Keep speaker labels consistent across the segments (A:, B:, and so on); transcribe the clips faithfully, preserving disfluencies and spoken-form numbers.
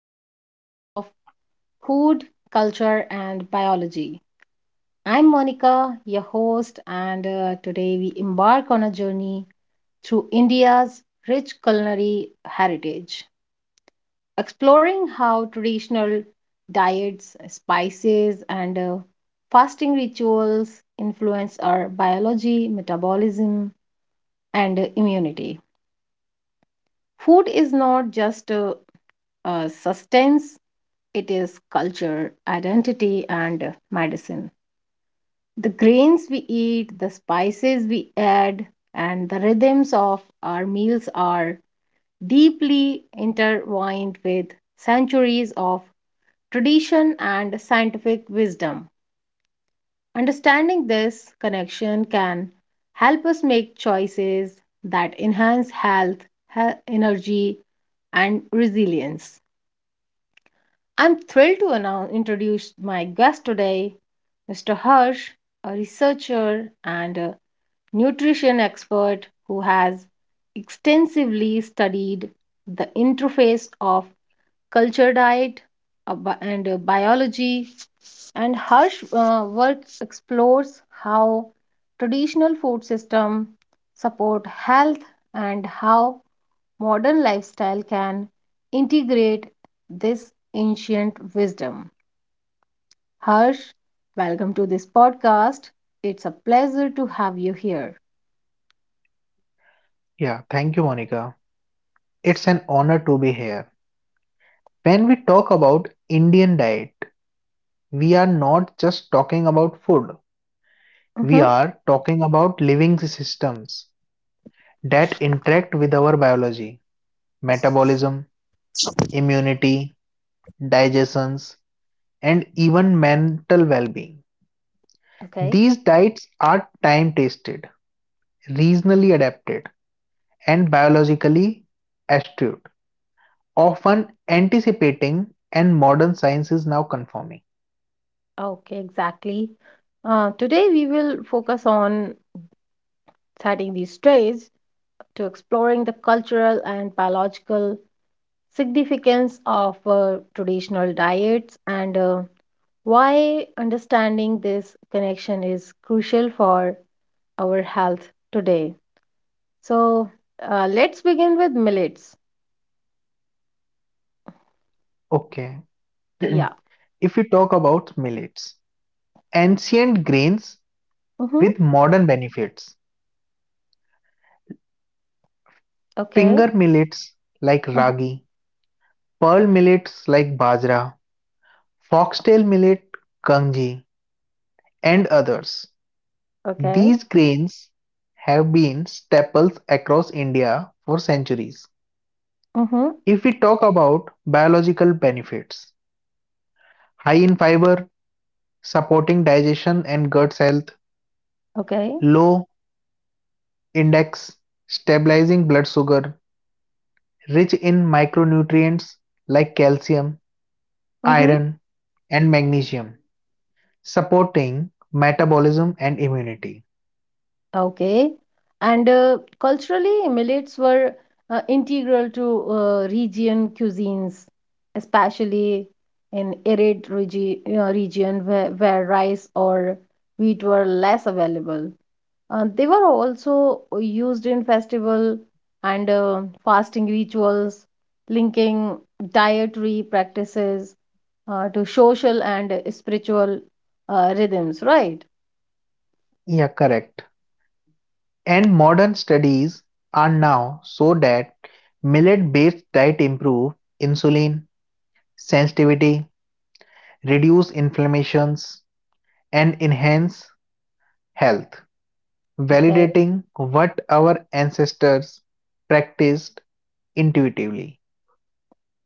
A: first episode of Food, Culture, and Biology. I'm Monica, your host, and uh, today we embark on a journey through India's rich culinary heritage, exploring how traditional diets, spices, and uh, fasting rituals influence our biology, metabolism, and uh, immunity. Food is not just uh, uh, sustains it is culture, identity, and medicine. The grains we eat, the spices we add, and the rhythms of our meals are deeply intertwined with centuries of tradition and scientific wisdom. Understanding this connection can help us make choices that enhance health, he- energy, and resilience. I'm thrilled to announce, introduce my guest today, Mister Harsh, a researcher and a nutrition expert who has extensively studied the interface of culture diet uh, bi- and uh, biology. And Harsh uh, work explores how traditional food system support health and how modern lifestyle can integrate this ancient wisdom. Harsh, welcome to this podcast. It's a pleasure to have you here.
B: Yeah, thank you, Monica. It's an honor to be here. When we talk about Indian diet, we are not just talking about food. We
A: Mhm.
B: are talking about living systems that interact with our biology, metabolism, immunity, digestions, and even mental well-being.
A: Okay,
B: These diets are time-tested, regionally adapted, and biologically astute, often anticipating and modern science is now confirming.
A: okay, exactly. Uh, today we will focus on setting the stage to exploring the cultural and biological significance of uh, traditional diets and uh, why understanding this connection is crucial for our health today. So uh, let's begin with millets.
B: Okay.
A: Yeah.
B: If we talk about millets, ancient grains
A: Mm-hmm.
B: with modern benefits.
A: Okay.
B: Finger millets like
A: Uh-huh.
B: ragi, pearl millets like bajra, foxtail millet, kanji, and others.
A: Okay.
B: These grains have been staples across India for centuries.
A: Mm-hmm.
B: If we talk about biological benefits, high in fiber, supporting digestion and gut health,
A: Okay.
B: low index, stabilizing blood sugar, rich in micronutrients like calcium,
A: Mm-hmm.
B: iron, and magnesium, supporting metabolism and immunity.
A: Okay. And uh, culturally, millets were uh, integral to uh, region cuisines, especially in arid regi uh, region where, where rice or wheat were less available. Uh, they were also used in festival and uh, fasting rituals, linking dietary practices uh, to social and spiritual uh, rhythms, right?
B: Yeah, correct. And modern studies are now so that millet-based diet improve insulin sensitivity, reduce inflammations, and enhance health,
A: Okay.
B: validating what our ancestors practiced intuitively.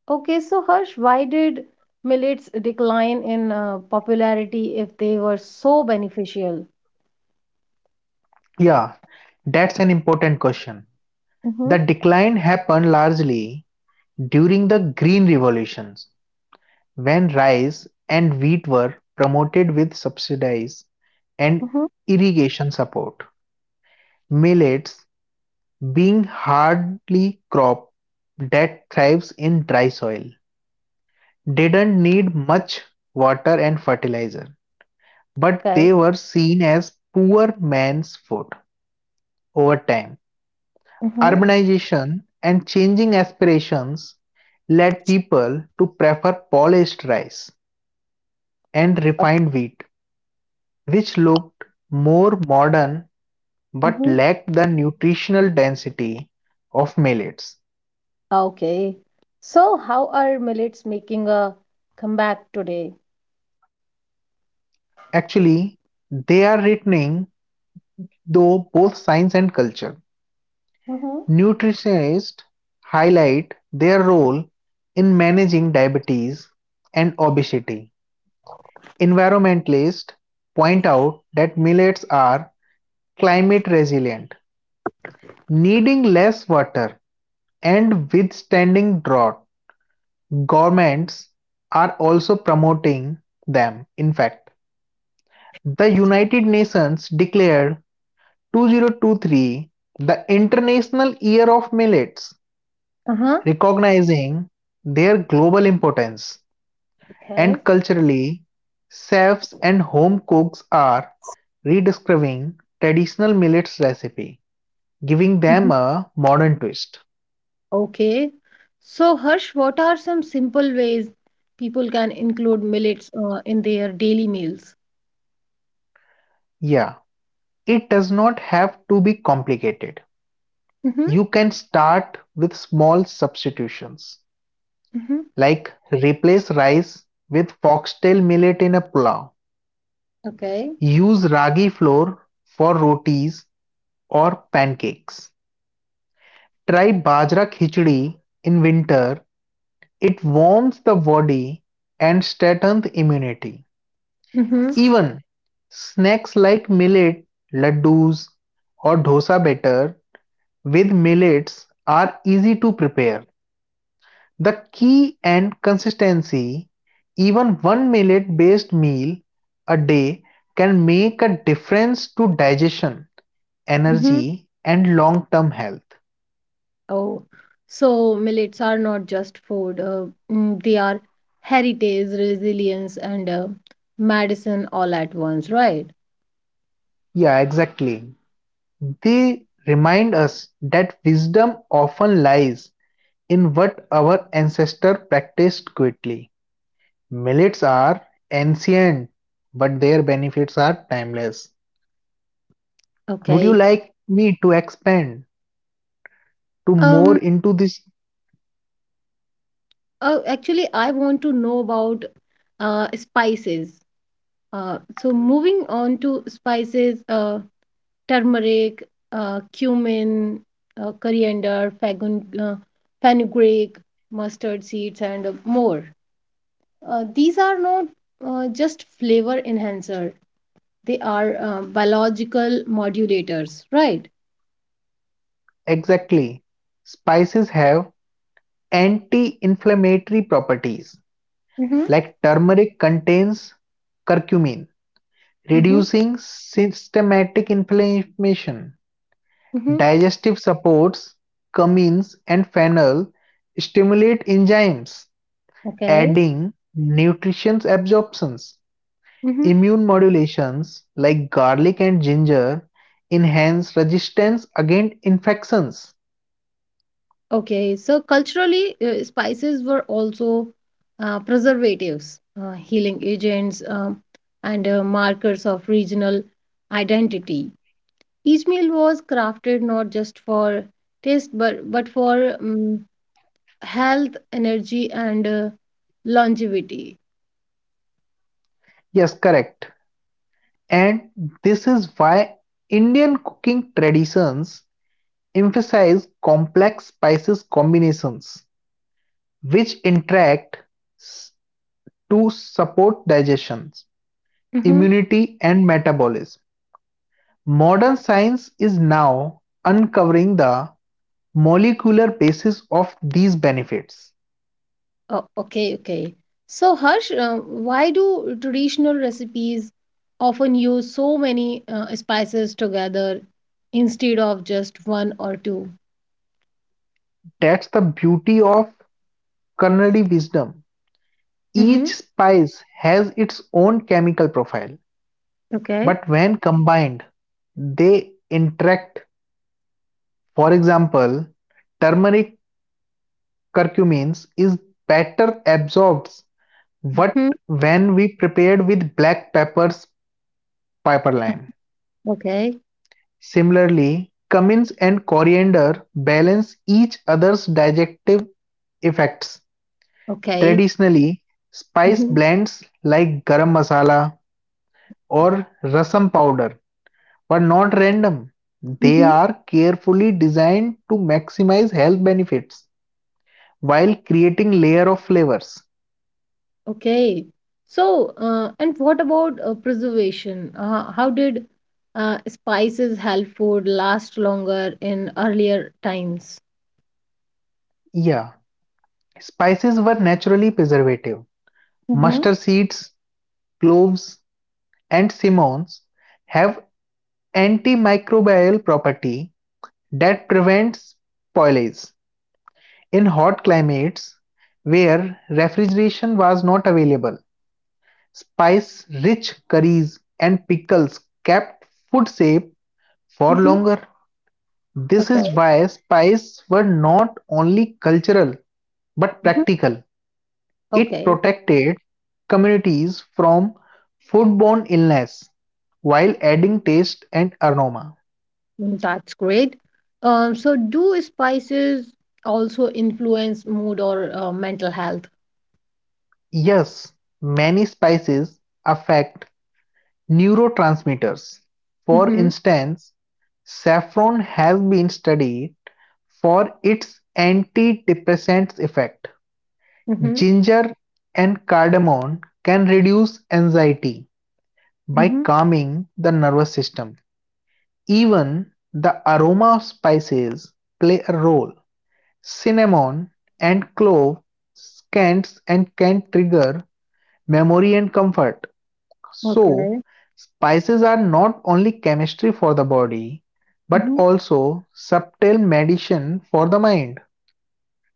A: Okay, so Harsh, why did millets decline in uh, popularity if they were so beneficial?
B: Yeah, that's an important question.
A: Mm-hmm,
B: The decline happened largely during the Green Revolutions, when rice and wheat were promoted with subsidies and
A: mm-hmm,
B: irrigation support, millets being hardly crop that thrives in dry soil didn't need much water and fertilizer, but
A: okay,
B: they were seen as poor man's food over time.
A: mm-hmm,
B: Urbanization and changing aspirations led people to prefer polished rice and
A: Uh,
B: refined wheat, which looked more modern but
A: mm-hmm.
B: lacked the nutritional density of millets.
A: Okay. So how are millets making a comeback today?
B: Actually, they are returning, though both science and culture.
A: Mm-hmm.
B: Nutritionists highlight their role in managing diabetes and obesity. Environmentalists point out that millets are climate resilient, needing less water and withstanding drought. Governments are also promoting them. In fact, the United Nations declared twenty twenty-three the International Year of Millets,
A: Uh-huh.
B: recognizing their global importance and
A: Okay.
B: culturally chefs and home cooks are rediscovering traditional millets recipe giving them
A: Mhm.
B: a modern twist.
A: Okay. So Harsh, what are some simple ways people can include millets uh, in their daily meals?
B: Yeah It does not have to be complicated.
A: Mm-hmm.
B: You can start with small substitutions,
A: Mm-hmm.
B: like replace rice with foxtail millet in a pulao.
A: Okay.
B: Use ragi flour for rotis or pancakes. Try bajra khichdi in winter. It warms the body and strengthens immunity.
A: Mm-hmm.
B: Even snacks like millet, laddus, or dosa batter with millets are easy to prepare. The key and consistency, even one millet based meal a day can make a difference to digestion, energy, and long term health.
A: Oh, so millets are not just food, uh, mm, they are heritage, resilience, and uh, medicine all at once, right?
B: Yeah, exactly. They remind us that wisdom often lies in what our ancestors practiced quickly. Millets are ancient, but their benefits are timeless. Would you
A: Okay.
B: like me to expand to
A: Um,
B: more into this
A: oh, actually, I want to know about uh, spices. Uh, so moving on to spices, uh, turmeric, uh, cumin, uh, coriander, fagun, uh, fenugreek, mustard seeds, and more. Uh, these are not uh, just flavor enhancer. They are uh, biological modulators, right?
B: Exactly. Spices have anti-inflammatory properties,
A: Mm-hmm.
B: like turmeric contains curcumin,
A: Mm-hmm.
B: reducing systematic inflammation.
A: Mm-hmm.
B: Digestive supports, cumins and fennel stimulate enzymes,
A: Okay.
B: adding nutrition absorptions.
A: Mm-hmm.
B: Immune modulations like garlic and ginger enhance resistance against infections.
A: Okay, so culturally, uh, spices were also uh, preservatives, uh, healing agents, um, and uh, markers of regional identity. Each meal was crafted not just for taste, but but for um, health, energy, and uh, longevity.
B: Yes, correct. And this is why Indian cooking traditions emphasize complex spices combinations, which interact s- to support digestion,
A: Mm-hmm.
B: immunity, and metabolism. Modern science is now uncovering the molecular basis of these benefits.
A: Oh, okay, okay. So, Harsh, uh, why do traditional recipes often use so many uh, spices together instead of just one or two?
B: That's the beauty of culinary wisdom.
A: Mm-hmm.
B: Each spice has its own chemical profile
A: Okay.
B: But when combined, they interact. For example, turmeric curcumins is better absorbed what
A: Mm-hmm.
B: when we prepared with black pepper's pipeline.
A: Okay,
B: Similarly, cummins and coriander balance each other's digestive effects.
A: okay,
B: Traditionally, spice
A: mm-hmm.
B: blends like garam masala or rasam powder but not random. They
A: Mm-hmm.
B: are carefully designed to maximize health benefits while creating layer of flavors.
A: Okay. So, uh, and what about uh, preservation? Uh, how did uh, spices help food last longer in earlier times?
B: Yeah, spices were naturally preservative.
A: Mm-hmm.
B: Mustard seeds, cloves, and cinnamons have antimicrobial property that prevents spoilage. In hot climates where refrigeration was not available, spice-rich curries and pickles kept food safe for
A: Mm-hmm.
B: longer. This
A: Okay,
B: is why spies were not only cultural but
A: mm-hmm,
B: practical. It
A: okay.
B: protected communities from foodborne illness while adding taste and aroma.
A: Mm, that's great. Um, so, do spices also influence mood or uh, mental health?
B: Yes, many spices affect neurotransmitters. For
A: Mm-hmm.
B: instance, saffron has been studied for its antidepressant effect.
A: Mm-hmm.
B: Ginger and cardamom can reduce anxiety, by
A: Mm-hmm.
B: calming the nervous system. Even the aroma of spices play a role. Cinnamon and clove scents and can trigger memory and comfort. So,
A: Okay.
B: spices are not only chemistry for the body but
A: Mm-hmm.
B: also subtle medicine for the mind.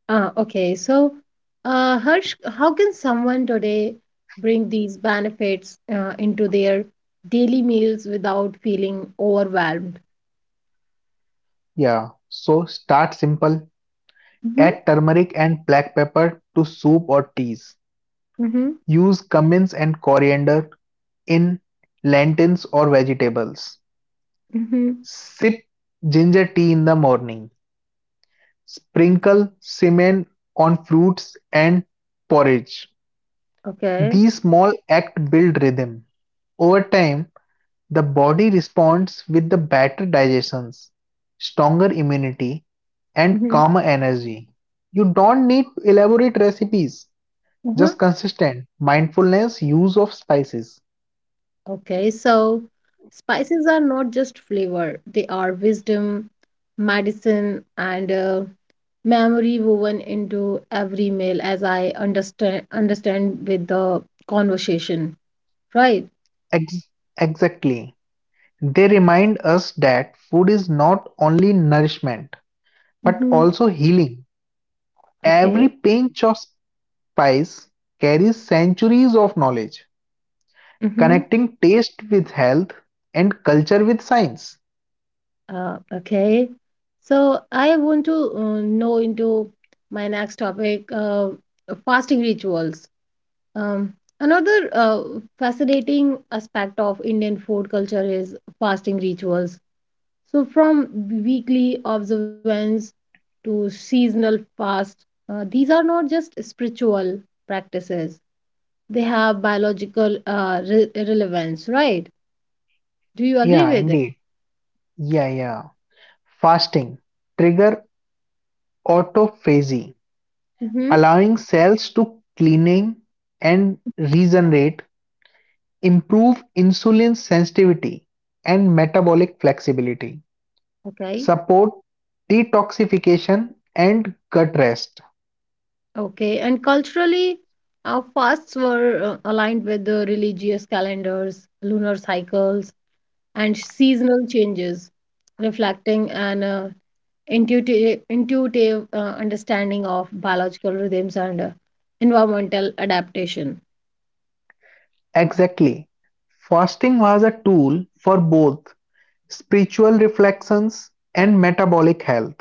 A: Uh, okay. So, uh, Harsh, how can someone today bring these benefits uh, into their daily meals without feeling overwhelmed?
B: Yeah. So, start simple.
A: Mm-hmm.
B: Add turmeric and black pepper to soup or teas.
A: Mm-hmm.
B: Use cumin and coriander in lentils or vegetables.
A: Mm-hmm.
B: Sip ginger tea in the morning. Sprinkle cinnamon on fruits and porridge.
A: Okay.
B: These small acts build rhythm. Over time, the body responds with the better digestions, stronger immunity, and
A: Mm-hmm.
B: calmer energy. You don't need to elaborate recipes, just consistent mindfulness use of spices.
A: Okay, so spices are not just flavor, they are wisdom, medicine, and uh, memory woven into every meal, as I understand understand with the conversation, right?
B: Ex- exactly. They remind us that food is not only nourishment but
A: Mm-hmm.
B: also healing. Every
A: Okay.
B: pinch of spice carries centuries of knowledge,
A: Mm-hmm.
B: connecting taste with health and culture with science.
A: Uh, okay. So I want to uh, know into my next topic, uh, fasting rituals. Um, Another uh, fascinating aspect of Indian food culture is fasting rituals. So, from weekly observance to seasonal fast, uh, these are not just spiritual practices, they have biological uh, re- relevance, right? Do you agree
B: Yeah,
A: with it?
B: indeed. Yeah, yeah. Fasting trigger autophagy,
A: Mm-hmm.
B: allowing cells to cleaning and regenerate, improve insulin sensitivity and metabolic flexibility.
A: Okay.
B: Support detoxification and gut rest.
A: Okay. And culturally, our fasts were uh, aligned with the religious calendars, lunar cycles, and seasonal changes, reflecting an uh, intuitive, intuitive uh, understanding of biological rhythms and uh, environmental adaptation.
B: Exactly. Fasting was a tool for both spiritual reflections and metabolic health.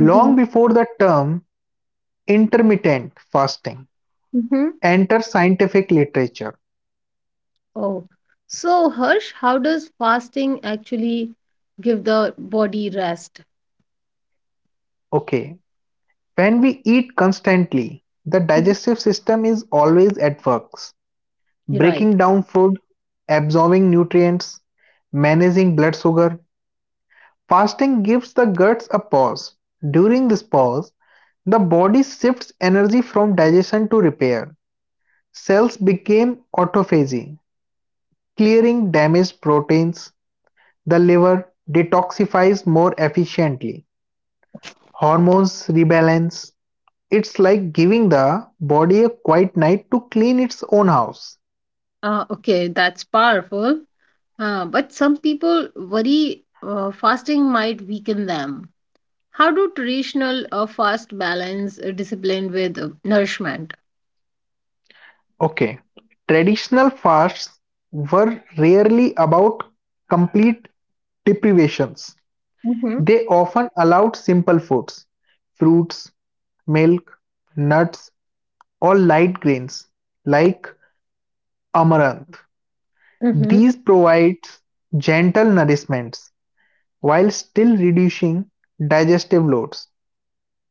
A: Mm-hmm.
B: Long before the term intermittent fasting
A: Mm-hmm.
B: enters scientific literature.
A: Oh, so Harsh, how does fasting actually give the body rest?
B: Okay, when we eat constantly, the
A: Mhm.
B: digestive system is always at work,
A: You're right.
B: breaking down food, absorbing nutrients, managing blood sugar. Fasting gives the guts a pause. During this pause, the body shifts energy from digestion to repair. Cells become autophagy, clearing damaged proteins. The liver detoxifies more efficiently. Hormones rebalance. It's like giving the body a quiet night to clean its own house.
A: Uh, okay, that's powerful. Uh, but some people worry uh, fasting might weaken them. How do traditional uh, fast balance uh, discipline with uh, nourishment?
B: Okay, traditional fasts were rarely about complete deprivations.
A: Mm-hmm.
B: They often allowed simple foods, fruits, milk, nuts, or light grains like amaranth.
A: Mm-hmm.
B: These provide gentle nourishments while still reducing digestive loads.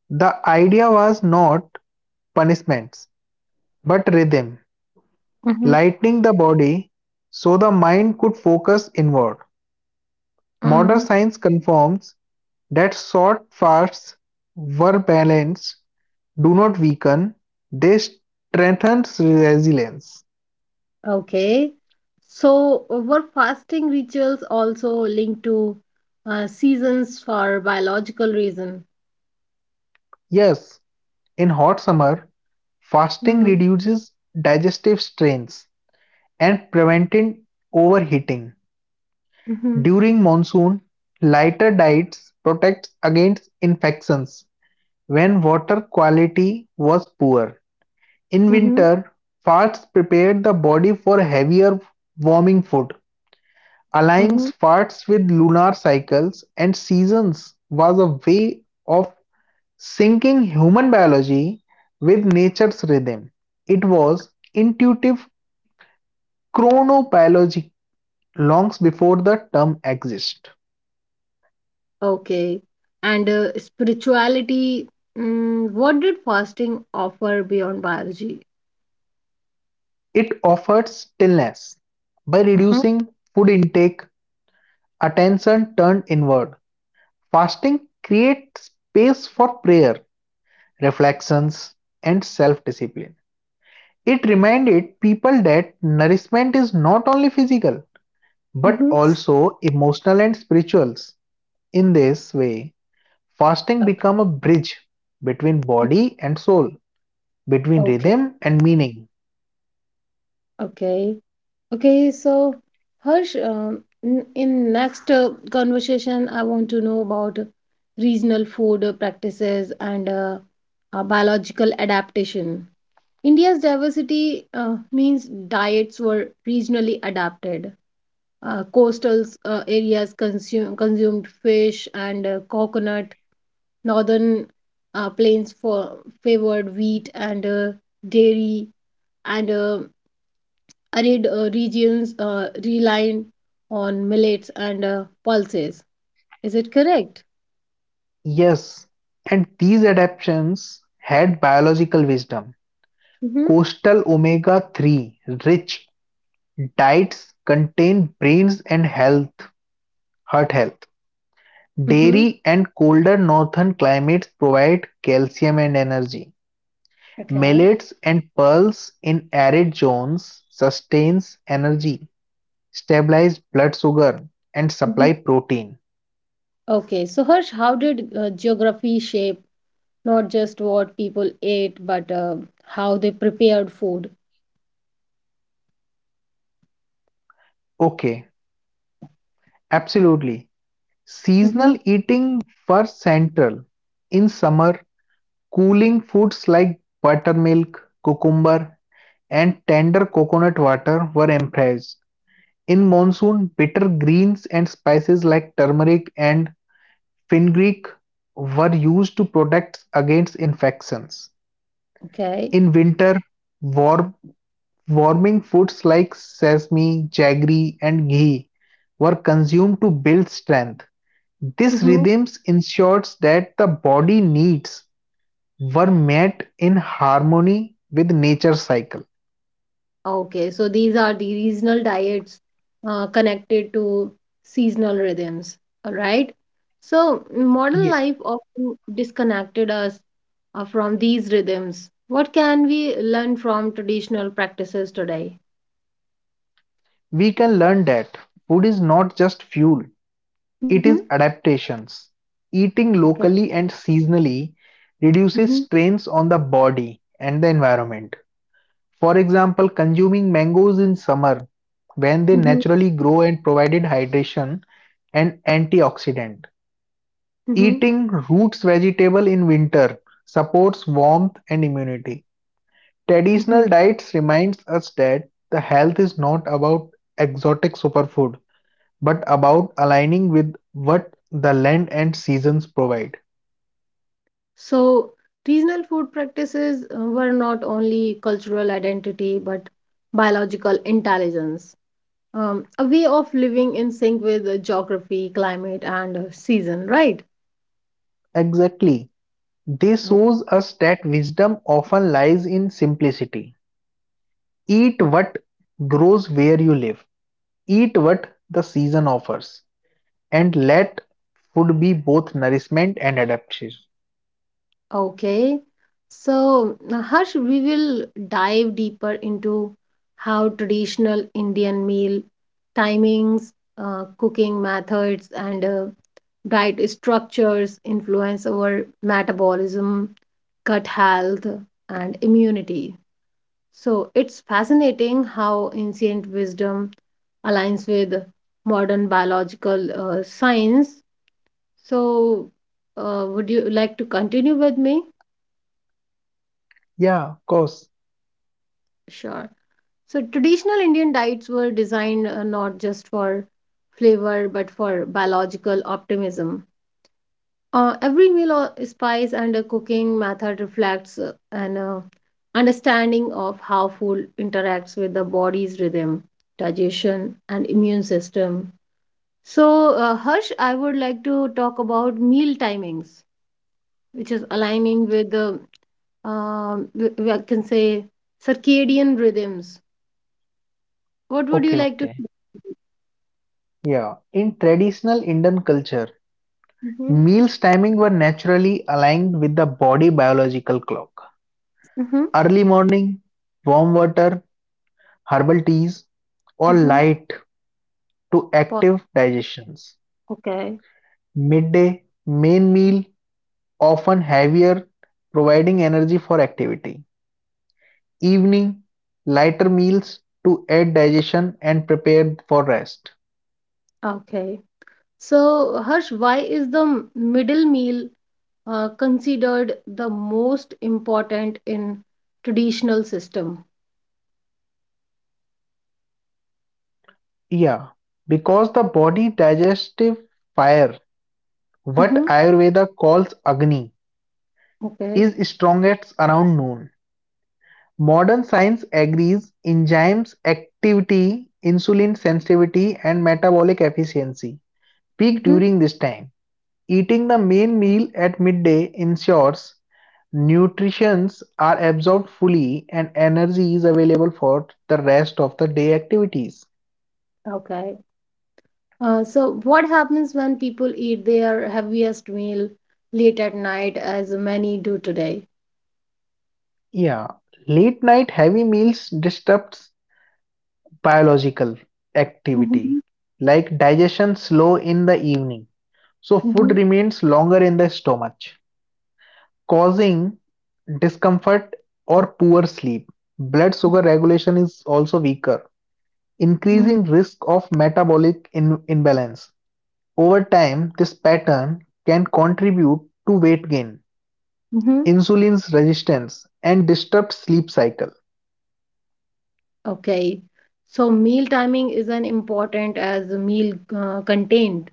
B: The idea was not punishments but rhythm,
A: Mm-hmm.
B: lightening the body so the mind could focus inward. Modern
A: Mm.
B: science confirms that short fasts were balanced, do not weaken, they strengthen resilience.
A: Okay. So uh, were fasting rituals also linked to uh, seasons for biological reason?
B: Yes, in hot summer, fasting
A: Mm.
B: reduces digestive strains and preventing overheating.
A: Mm-hmm.
B: During monsoon, lighter diets protect against infections when water quality was poor. In
A: Mm-hmm.
B: winter, fasts prepare the body for heavier warming food Aligning
A: Mm-hmm.
B: sparks with lunar cycles and seasons was a way of syncing human biology with nature's rhythm. It was intuitive chronobiology long before the term exists.
A: Okay. And uh, spirituality, mm, what did fasting offer beyond biology?
B: It offered stillness by
A: Mm-hmm.
B: reducing food intake, attention turned inward. Fasting creates space for prayer, reflections, and self discipline. It reminded people that nourishment is not only physical but
A: Mm-hmm.
B: also emotional and spiritual. In this way, fasting
A: Okay.
B: become a bridge between body and soul, between
A: Okay.
B: rhythm and meaning.
A: Okay. Okay, so Harsh, um, in, in next uh, conversation, I want to know about regional food practices and uh, uh, biological adaptation. India's diversity uh, means diets were regionally adapted. Uh, coastal uh, areas consume, consumed fish and uh, coconut. Northern uh, plains for favored wheat and uh, dairy and uh, arid uh, regions uh, relied on millets and uh, pulses. Is it correct?
B: Yes, and these adaptations had biological wisdom.
A: Mm-hmm.
B: Coastal omega three rich diets contain brains and health, heart health.
A: Mm-hmm.
B: Dairy and colder northern climates provide calcium and energy.
A: Okay.
B: Millets and pearls in arid zones sustains energy, stabilize blood sugar and
A: Mhm.
B: supply protein.
A: Okay, so Harsh, how did uh, geography shape not just what people ate, but uh, how they prepared food?
B: Okay, absolutely.
A: Mm-hmm.
B: Seasonal eating were central. In summer, cooling foods like buttermilk, cucumber and tender coconut water were emphasized. In monsoon, bitter greens and spices like turmeric and fenugreek were used to protect against infections.
A: Okay.
B: In winter, warm, warming foods like sesame, jaggery, and ghee were consumed to build strength. This rhythms ensures that the body needs were met in harmony with nature cycle.
A: Okay, so these are the regional diets uh, connected to seasonal rhythms, all right? So, modern
B: Ye-
A: life often disconnected us uh, from these rhythms. What can we learn from traditional practices today?
B: We can learn that food is not just fuel, it
A: Hmm.
B: is adaptations. Eating
A: Okay.
B: locally and seasonally reduces
A: Mm-hmm.
B: strains on the body and the environment For example, consuming mangoes in summer when they
A: Mm-hmm.
B: naturally grow and provided hydration and antioxidant.
A: Mm-hmm.
B: Eating roots vegetable in winter supports warmth and immunity.
A: Mm-hmm.
B: Traditional diets reminds us that the health is not about exotic superfood but about aligning with what the land and seasons provide.
A: So, regional food practices uh, were not only cultural identity but biological intelligence. Um, a way of living in sync with uh, geography, climate, and uh, season, right?
B: Exactly. This
A: O-
B: shows us that wisdom often lies in simplicity. Eat
A: o-
B: what grows where you live, eat what the season offers, and let food be both nourishment and adaptation.
A: Okay. So, now, Harsh, we will dive deeper into how traditional Indian meal timings, uh, cooking methods, and uh, diet structures influence our metabolism, gut health, and immunity. So, it's fascinating how ancient wisdom aligns with modern biological uh, science. So, uh, would you like to continue with me?
B: Yeah, of course.
A: Sure. So, traditional Indian diets were designed uh, not just for flavor but for biological optimism. Uh, every meal or spice and a cooking method reflects uh, an uh, understanding of how food interacts with the body's rhythm, digestion, and immune system. So, uh, Harsh, I would like to talk about meal timings, which is aligning with the, um, w- w- I can say, circadian rhythms. What would you
B: Okay,
A: like to
B: okay.
A: say?
B: Yeah. In traditional Indian culture,
A: Mm-hmm.
B: meals timing were naturally aligned with the body biological clock.
A: Mm-hmm.
B: Early morning, warm water, herbal teas, or
A: Mm-hmm.
B: light to
A: Po-
B: active digestions.
A: Okay.
B: Midday, main meal, often heavier, providing energy for activity. Evening, lighter meals to aid digestion and prepare for rest.
A: Okay. So, Harsh, why is the m- middle meal uh, considered the most important in traditional system?
B: Yeah, because the body digestive fire, what
A: Mm-hmm.
B: Ayurveda calls Agni,
A: Okay.
B: is strongest around noon. Modern science agrees enzymes activity, insulin sensitivity, and metabolic efficiency peak
A: Mm-hmm.
B: during this time. Eating the main meal at midday ensures nutrients are absorbed fully and energy is available for the rest of the day activities.
A: Okay. Uh, so, what happens when people eat their heaviest meal late at night, as many do today?
B: Yeah, late night heavy meals disrupts biological activity
A: Mhm,
B: like digestion slow in the evening. So
A: mhm.
B: food remains longer in the stomach causing discomfort or poor sleep. Blood sugar regulation is also weaker,
A: Mm,
B: increasing risk of metabolic in- imbalance. Over time, this pattern can contribute to weight gain,
A: mhm.
B: insulin resistance, and disturbed sleep cycle.
A: Okay. So meal timing is an important as the meal uh, contained.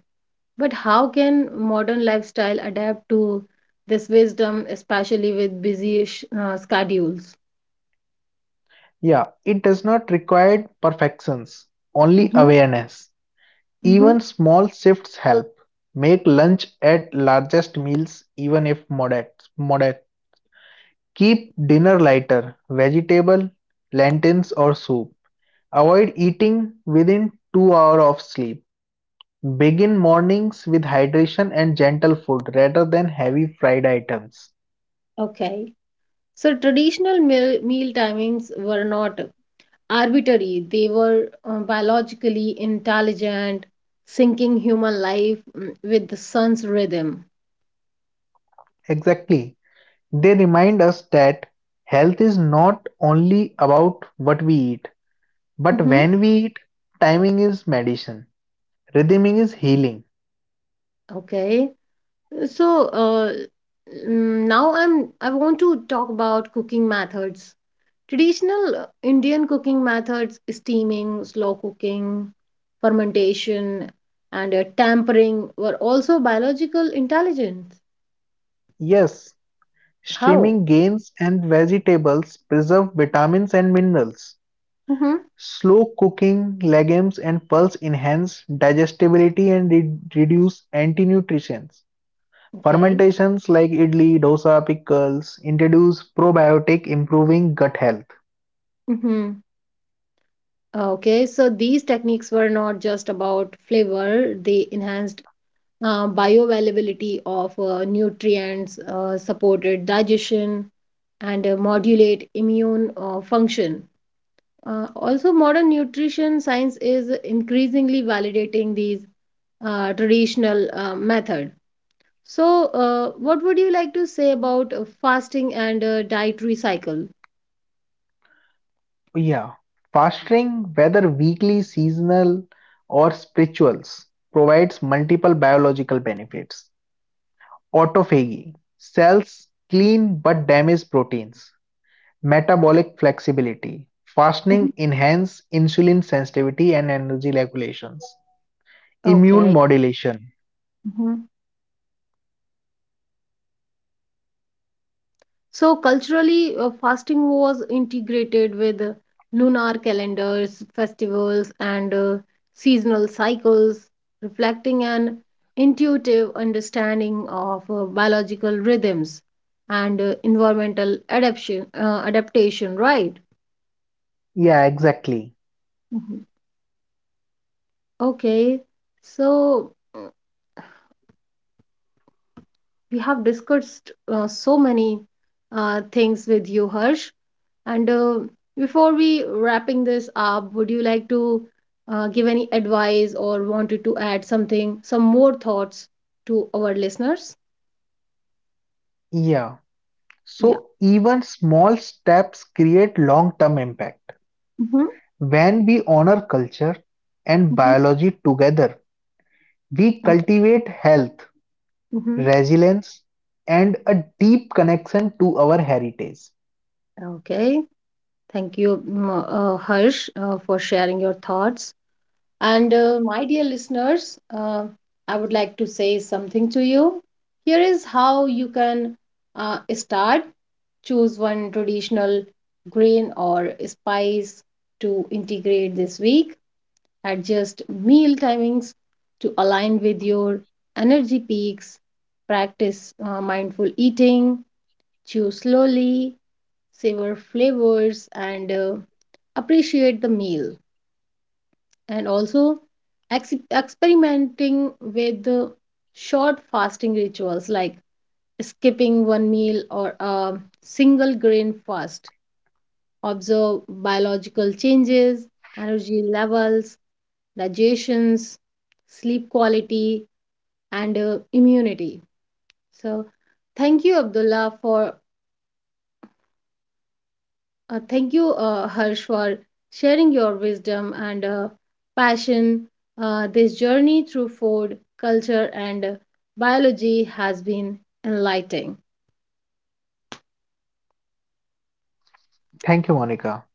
A: But how can modern lifestyle adapt to this wisdom, especially with busy sh uh, schedules?
B: Yeah, it does not require perfections, only
A: Mm-hmm.
B: awareness.
A: Mm-hmm.
B: Even small shifts help. Make lunch at largest meals even if moderate. moderate. Keep dinner lighter, vegetable, lentils or soup. Avoid eating within two hours of sleep. Begin mornings with hydration and gentle food rather than heavy fried items.
A: Okay. So traditional meal meal timings were not arbitrary. They were uh, biologically intelligent, syncing human life mm, with the sun's rhythm.
B: Exactly. They remind us that health is not only about what we eat, but
A: Hmm.
B: when we eat, timing is medicine, rhythming is healing.
A: Okay, so uh, mm, now I'm I want to talk about cooking methods. Traditional uh, Indian cooking methods: steaming, slow cooking, fermentation, and uh, tampering were also biological intelligence.
B: Yes,
A: How?
B: steaming grains and vegetables preserve vitamins and minerals.
A: Hmm.
B: Slow cooking legumes and pulses enhance digestibility and re- reduce anti-nutrition.
A: Okay.
B: Fermentations like idli, dosa, pickles introduce probiotic, improving gut health.
A: Mm-hmm. Okay, so these techniques were not just about flavor, they enhanced uh, bioavailability of uh, nutrients, uh, supported digestion, and uh, modulate immune uh, function. Uh, also, modern nutrition science is increasingly validating these uh, traditional uh, method. So, uh, what would you like to say about uh, fasting and uh, dietary cycle?
B: Oh, yeah. Fasting, whether weekly, seasonal, or spirituals, provides multiple biological benefits. Autophagy cells clean but damaged proteins. Metabolic flexibility
A: Mhm.
B: fasting enhances insulin sensitivity and energy regulations. Immune
A: Okay.
B: modulation.
A: So culturally, uh, fasting was integrated with uh, lunar calendars, festivals, and uh, seasonal cycles, reflecting an intuitive understanding of uh, biological rhythms and uh, environmental adaptation. Uh, adaptation, right?
B: Yeah, exactly.
A: Mhm. Okay, so uh, we have discussed uh, so many uh, things with you, Harsh. And uh, before we wrapping this up, would you like to uh, give any advice or wanted to add something, some more thoughts to our listeners?
B: Yeah.
A: Yeah.
B: So even small steps create long-term impact.
A: Hmm.
B: When we honor culture and
A: Hmm.
B: biology together, we
A: Okay.
B: cultivate health,
A: Hmm.
B: resilience, and a deep connection to our heritage.
A: Okay. Thank you, mm, uh, Harsh, uh, for sharing your thoughts. And uh, my dear listeners, uh, I would like to say something to you. Here is how you can uh, start. Choose one traditional grain or spice to integrate this week. Adjust meal timings to align with your energy peaks. Practice uh, mindful eating. Chew slowly, savor flavors, and uh, appreciate the meal. And also, ex- experimenting with uh, short fasting rituals like skipping one meal or a single grain fast observe biological changes, energy levels, digestions, sleep quality, and uh, immunity. So, thank you, Abdullah, for uh, thank you, uh, Harsh, for sharing your wisdom and uh, passion. Uh, this journey through food, culture, and uh, biology has been enlightening.
B: Thank you, Monica.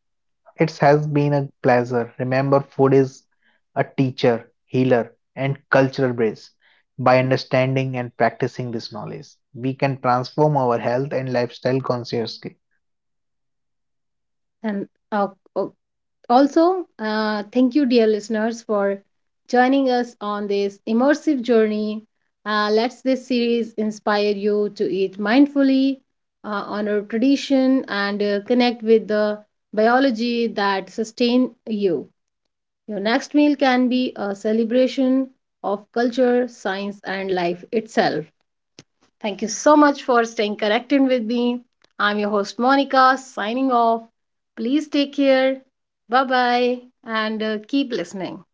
B: It has been a pleasure. Remember, food is a teacher, healer, and cultural bridge. By understanding and practicing this knowledge, we can transform our health and lifestyle consciously.
A: And uh, uh, also, uh, thank you, dear listeners, for joining us on this immersive journey. Uh, let's this series inspire you to eat mindfully, uh, honor tradition, and uh, connect with the biology that sustain you. Your next meal can be a celebration of culture, science, and life itself. Thank you so much for staying connected with me. I'm your host Monica, signing off. Please take care. Bye bye and uh, keep listening.